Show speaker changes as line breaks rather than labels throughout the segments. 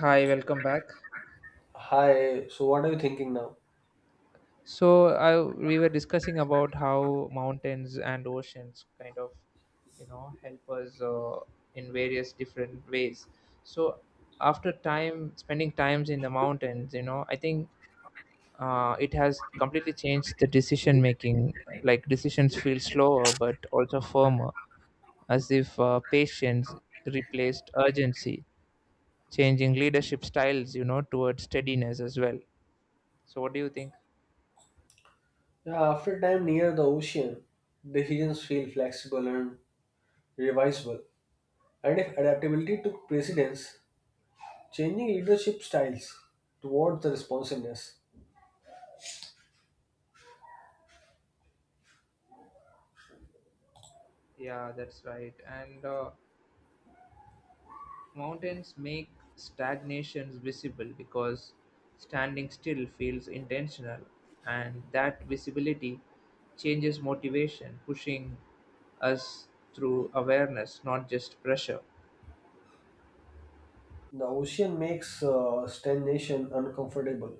Hi, welcome back.
Hi, so what are you thinking now?
So, i we were discussing about how mountains and oceans kind of, you know, help us in various different ways. So, after time spending times in the mountains, you know, I think it has completely changed the decision making. Like decisions feel slower but also firmer, as if patience replaced urgency, changing leadership styles, you know, towards steadiness as well. So, what do you think?
Yeah, after time near the ocean, decisions feel flexible and revisable. And if adaptability took precedence, changing leadership styles towards the responsiveness,
Yeah, that's right. And mountains make stagnations visible because standing still feels intentional, and that visibility changes motivation, pushing us through awareness, not just pressure.
the ocean makes stagnation uncomfortable.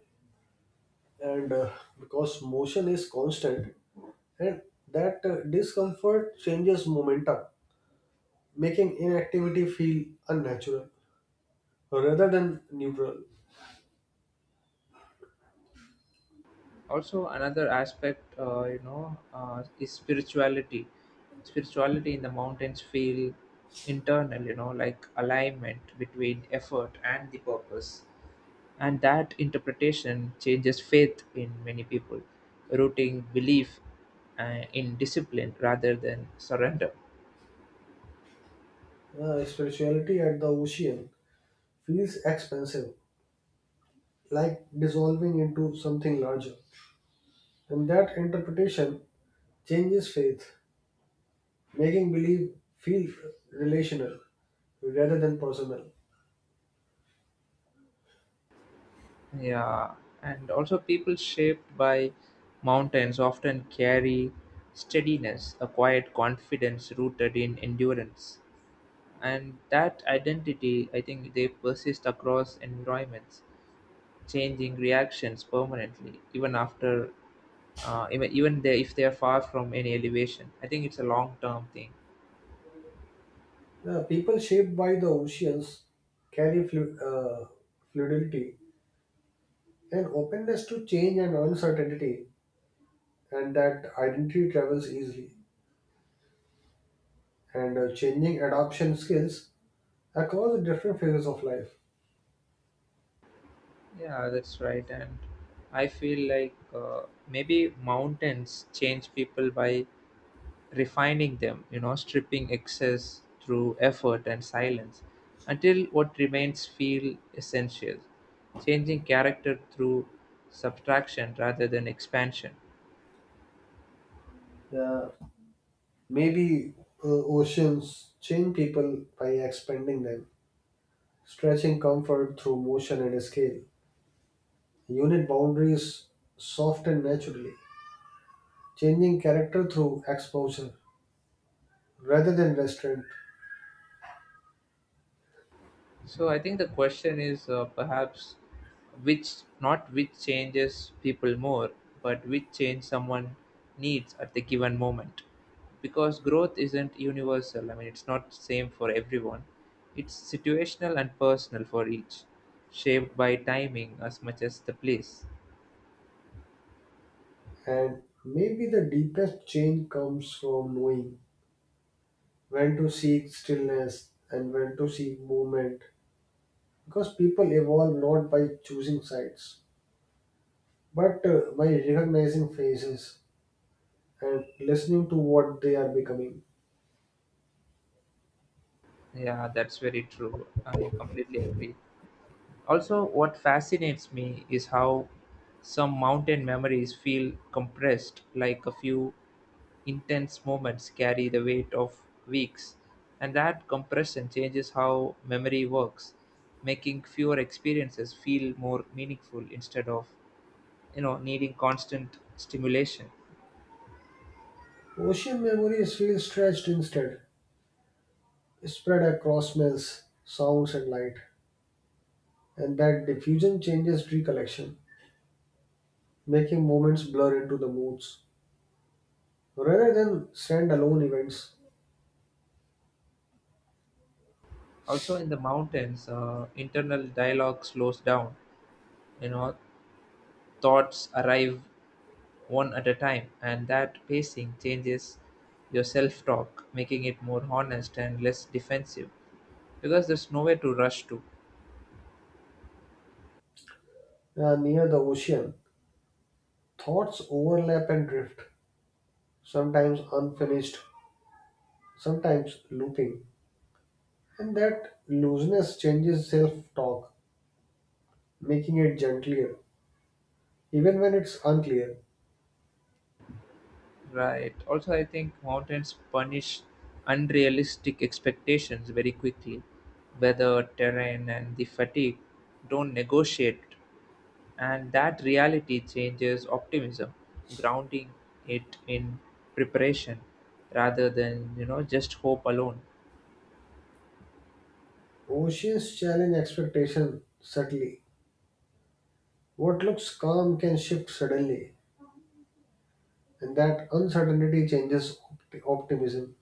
And because motion is constant, and that discomfort changes momentum, making inactivity feel unnatural rather than neutral.
Also, another aspect, is spirituality. Spirituality in the mountains feel internal, you know, like alignment between effort and the purpose. And that interpretation changes faith in many people, rooting belief in discipline rather than surrender.
Spirituality at the ocean feels expansive, like dissolving into something larger. And that interpretation changes faith, making belief feel relational rather than personal.
Yeah, and also people shaped by mountains often carry steadiness, a quiet confidence rooted in endurance. And that identity, I think, they persist across environments changing reactions permanently, even after, if they are far from any elevation. I think it's a long term thing.
The people shaped by the oceans carry fluidity and openness to change and uncertainty, and that identity travels easily. And changing adoption skills across the different phases of life.
Yeah, that's right. And I feel like maybe mountains change people by refining them, you know, stripping excess through effort and silence until what remains feel essential, changing character through subtraction rather than expansion.
Yeah, maybe oceans change people by expanding them, stretching comfort through motion and scale. Unit boundaries soften naturally, changing character through exposure rather than restraint.
So I think the question is perhaps which not which changes people more, but which change someone needs at the given moment. Because growth isn't universal. I mean, it's not same for everyone. It's situational and personal for each, shaped by timing as much as the place.
And maybe the deepest change comes from knowing when to seek stillness and when to seek movement. Because people evolve not by choosing sides, but by recognizing phases and listening to what they are becoming.
Yeah, that's very true. I completely agree. Also, what fascinates me is how some mountain memories feel compressed, like a few intense moments carry the weight of weeks. And that compression changes how memory works, making fewer experiences feel more meaningful instead of, you know, needing constant stimulation.
Ocean memories feel stretched instead, spread across smells, sounds, and light, and that diffusion changes recollection, making moments blur into the moods, rather than standalone events.
Also, in the mountains, internal dialogue slows down. You know, thoughts arrive one at a time, and that pacing changes your self talk, making it more honest and less defensive because there's nowhere to rush to,
Near the ocean, thoughts overlap and drift, sometimes unfinished, sometimes looping, and that looseness changes self talk, making it gentler, even when it's unclear.
right? Also, I think mountains punish unrealistic expectations very quickly. Weather, terrain, and the fatigue don't negotiate, and that reality changes optimism, grounding it in preparation rather than you know just hope alone.
Oceans challenge expectation subtly. What looks calm can shift suddenly, and that uncertainty changes optimism,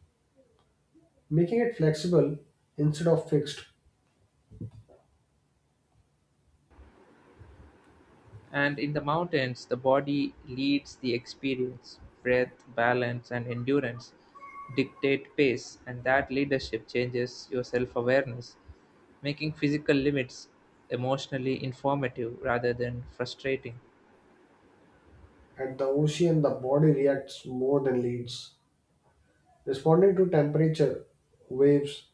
making it flexible instead of fixed.
And in the mountains, the body leads the experience. Breath, balance, and endurance dictate pace, and that leadership changes your self awareness, making physical limits emotionally informative rather than frustrating.
At the ocean, the body reacts more than leads, responding to temperature, waves,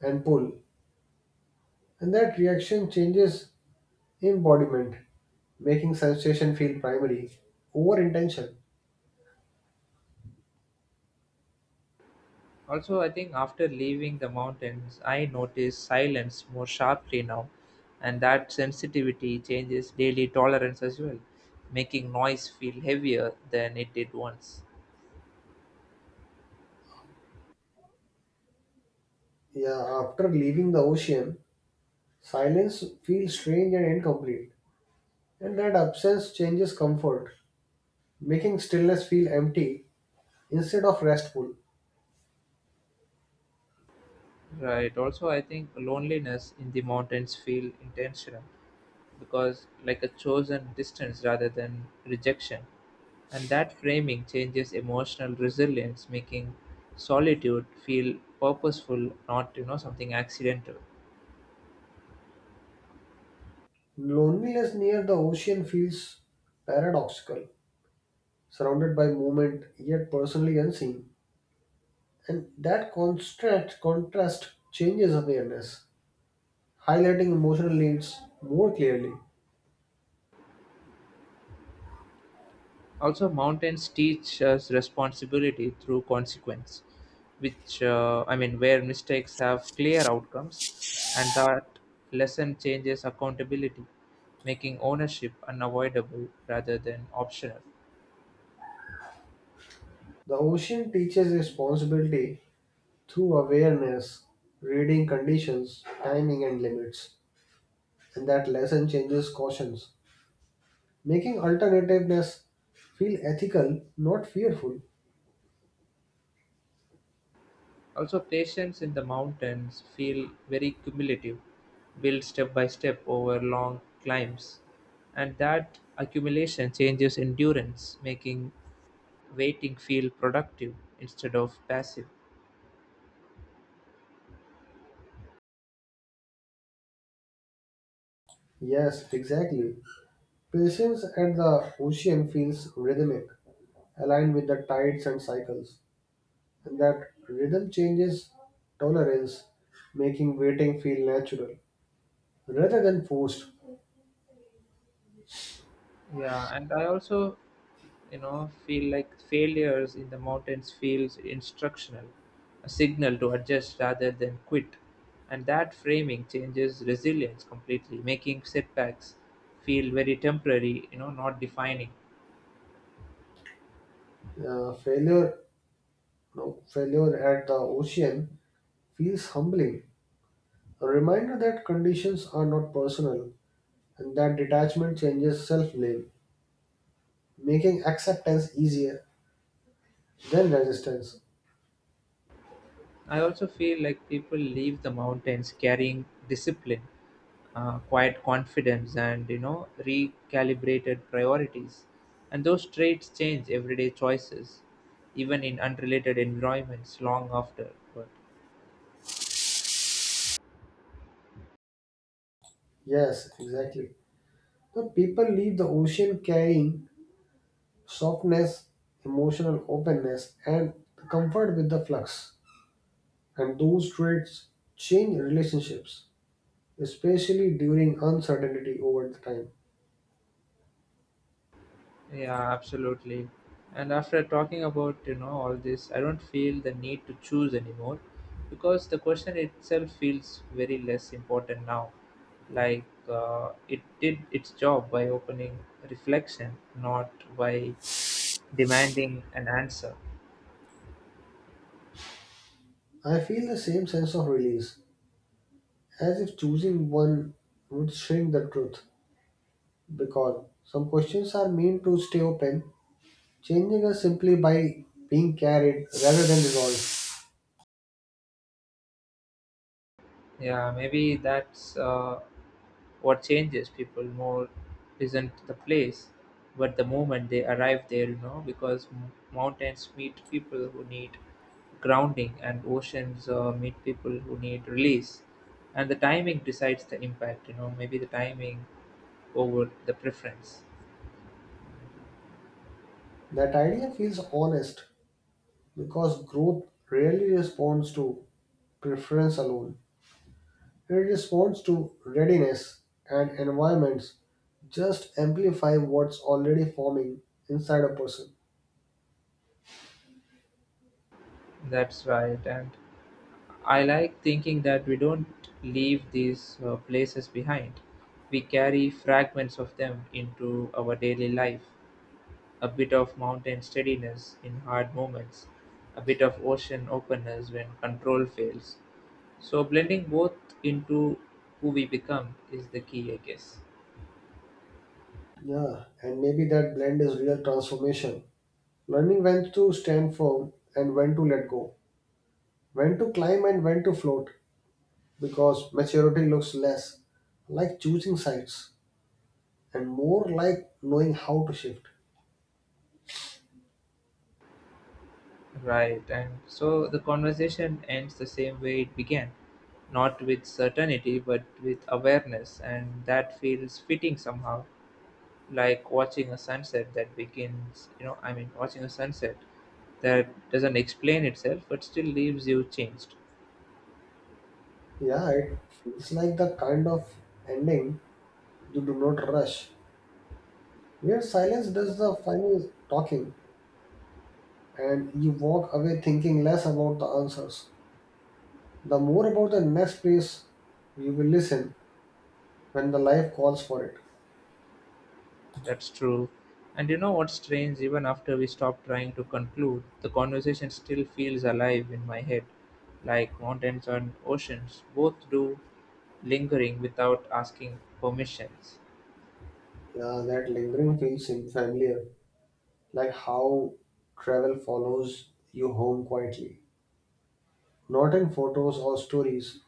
and pull, and that reaction changes embodiment, making sensation feel primary over intention.
Also, I think after leaving the mountains, I notice silence more sharply now, and that sensitivity changes daily tolerance as well, making noise feel heavier than it did once.
Yeah, after leaving the ocean, silence feels strange and incomplete, and that absence changes comfort, making stillness feel empty instead of restful.
Right. Also, I think loneliness in the mountains feel intentional because like a chosen distance rather than rejection. And that framing changes emotional resilience, making solitude feel purposeful, not, you know, something accidental.
Loneliness near the ocean feels paradoxical, surrounded by movement yet personally unseen, and that contrast changes awareness, highlighting emotional needs more clearly.
Also, mountains teach us responsibility through consequence, which I mean, where mistakes have clear outcomes, and that lesson changes accountability, making ownership unavoidable rather than optional.
The ocean teaches responsibility through awareness, reading conditions, timing, and limits, and that lesson changes cautions, making alternativeness feel ethical, not fearful.
Also, patience in the mountains feel very cumulative, built step by step over long climbs, and that accumulation changes endurance, making waiting feel productive instead of passive.
Yes, exactly. Patience at the ocean feels rhythmic, aligned with the tides and cycles. And that rhythm changes tolerance, making waiting feel natural rather than forced.
Yeah, and I also, you know, feel like failures in the mountains feels instructional, a signal to adjust rather than quit. And that framing changes resilience completely, making setbacks feel very temporary, you know, not defining.
Failure, no, Failure at the ocean feels humbling, a reminder that conditions are not personal, and that detachment changes self blame, making acceptance easier than resistance.
I also feel like people leave the mountains carrying discipline, quiet confidence, and you know, recalibrated priorities. And those traits change everyday choices, even in unrelated environments long after. But
Yes, exactly. The people leave the ocean carrying softness, emotional openness, and comfort with the flux. And those traits change relationships, especially during uncertainty over the time.
yeah, absolutely. And after talking about, you know, all this, I don't feel the need to choose anymore because the question itself feels very less important now. Like it did its job by opening reflection, not by demanding an answer.
I feel the same sense of release, as if choosing one would shrink the truth, because some questions are meant to stay open, changing us simply by being carried rather than resolved.
Yeah, maybe that's what changes people more isn't the place, but the moment they arrive there, you know, because mountains meet people who need grounding and oceans meet people who need release. And the timing decides the impact, you know, maybe the timing over the preference.
That idea feels honest because growth rarely responds to preference alone. Her response to readiness and environments just amplify what's already forming inside a person.
That's right. And I like thinking that we don't leave these places behind. We carry fragments of them into our daily life. A bit of mountain steadiness in hard moments, a bit of ocean openness when control fails. So blending both into who we become is the key, I guess.
Yeah, and maybe that blend is real transformation. Learning when to stand firm and when to let go, when to climb and when to float, because maturity looks less like choosing sides and more like knowing how to shift.
Right, and so the conversation ends the same way it began, not with certainty but with awareness, and that feels fitting somehow, like watching a sunset that begins, watching a sunset that doesn't explain itself but still leaves you changed.
Yeah, it feels like the kind of ending you do not rush, where silence does the final talking and you walk away thinking less about the answers, the more about the next place you will listen when the life calls for it.
That's true. And you know what's strange? Even after we stop trying to conclude, the conversation still feels alive in my head, like mountains and oceans. Both do lingering without asking permissions.
Yeah, that lingering feels familiar, like how travel follows you home quietly, not in photos or stories,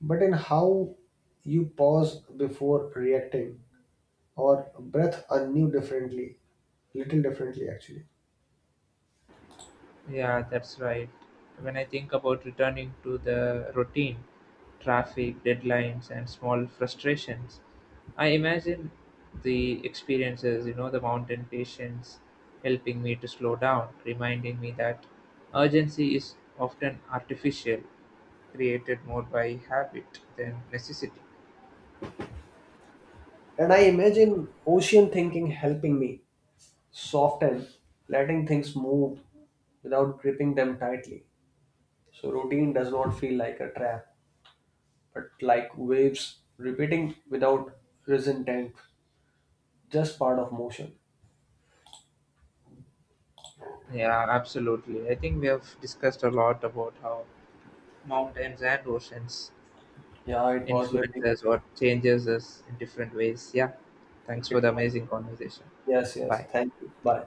but in how you pause before reacting or breathe anew differently, little differently actually.
Yeah, that's right. When I think about returning to the routine, traffic, deadlines, and small frustrations, I imagine the experiences, you know, the mountain patients helping me to slow down, reminding me that urgency is often artificial, created more by habit than necessity.
And I imagine ocean thinking helping me soften, letting things move without gripping them tightly. So routine does not feel like a trap, but like waves repeating without resentment, just part of motion.
Yeah, absolutely. I think we have discussed a lot about how mountains and oceans
Yeah, it was very.
influences or changes us in different ways. Yeah. Thanks for
It
the
was,
amazing conversation.
yes, yes.
Bye.
Thank you. Bye.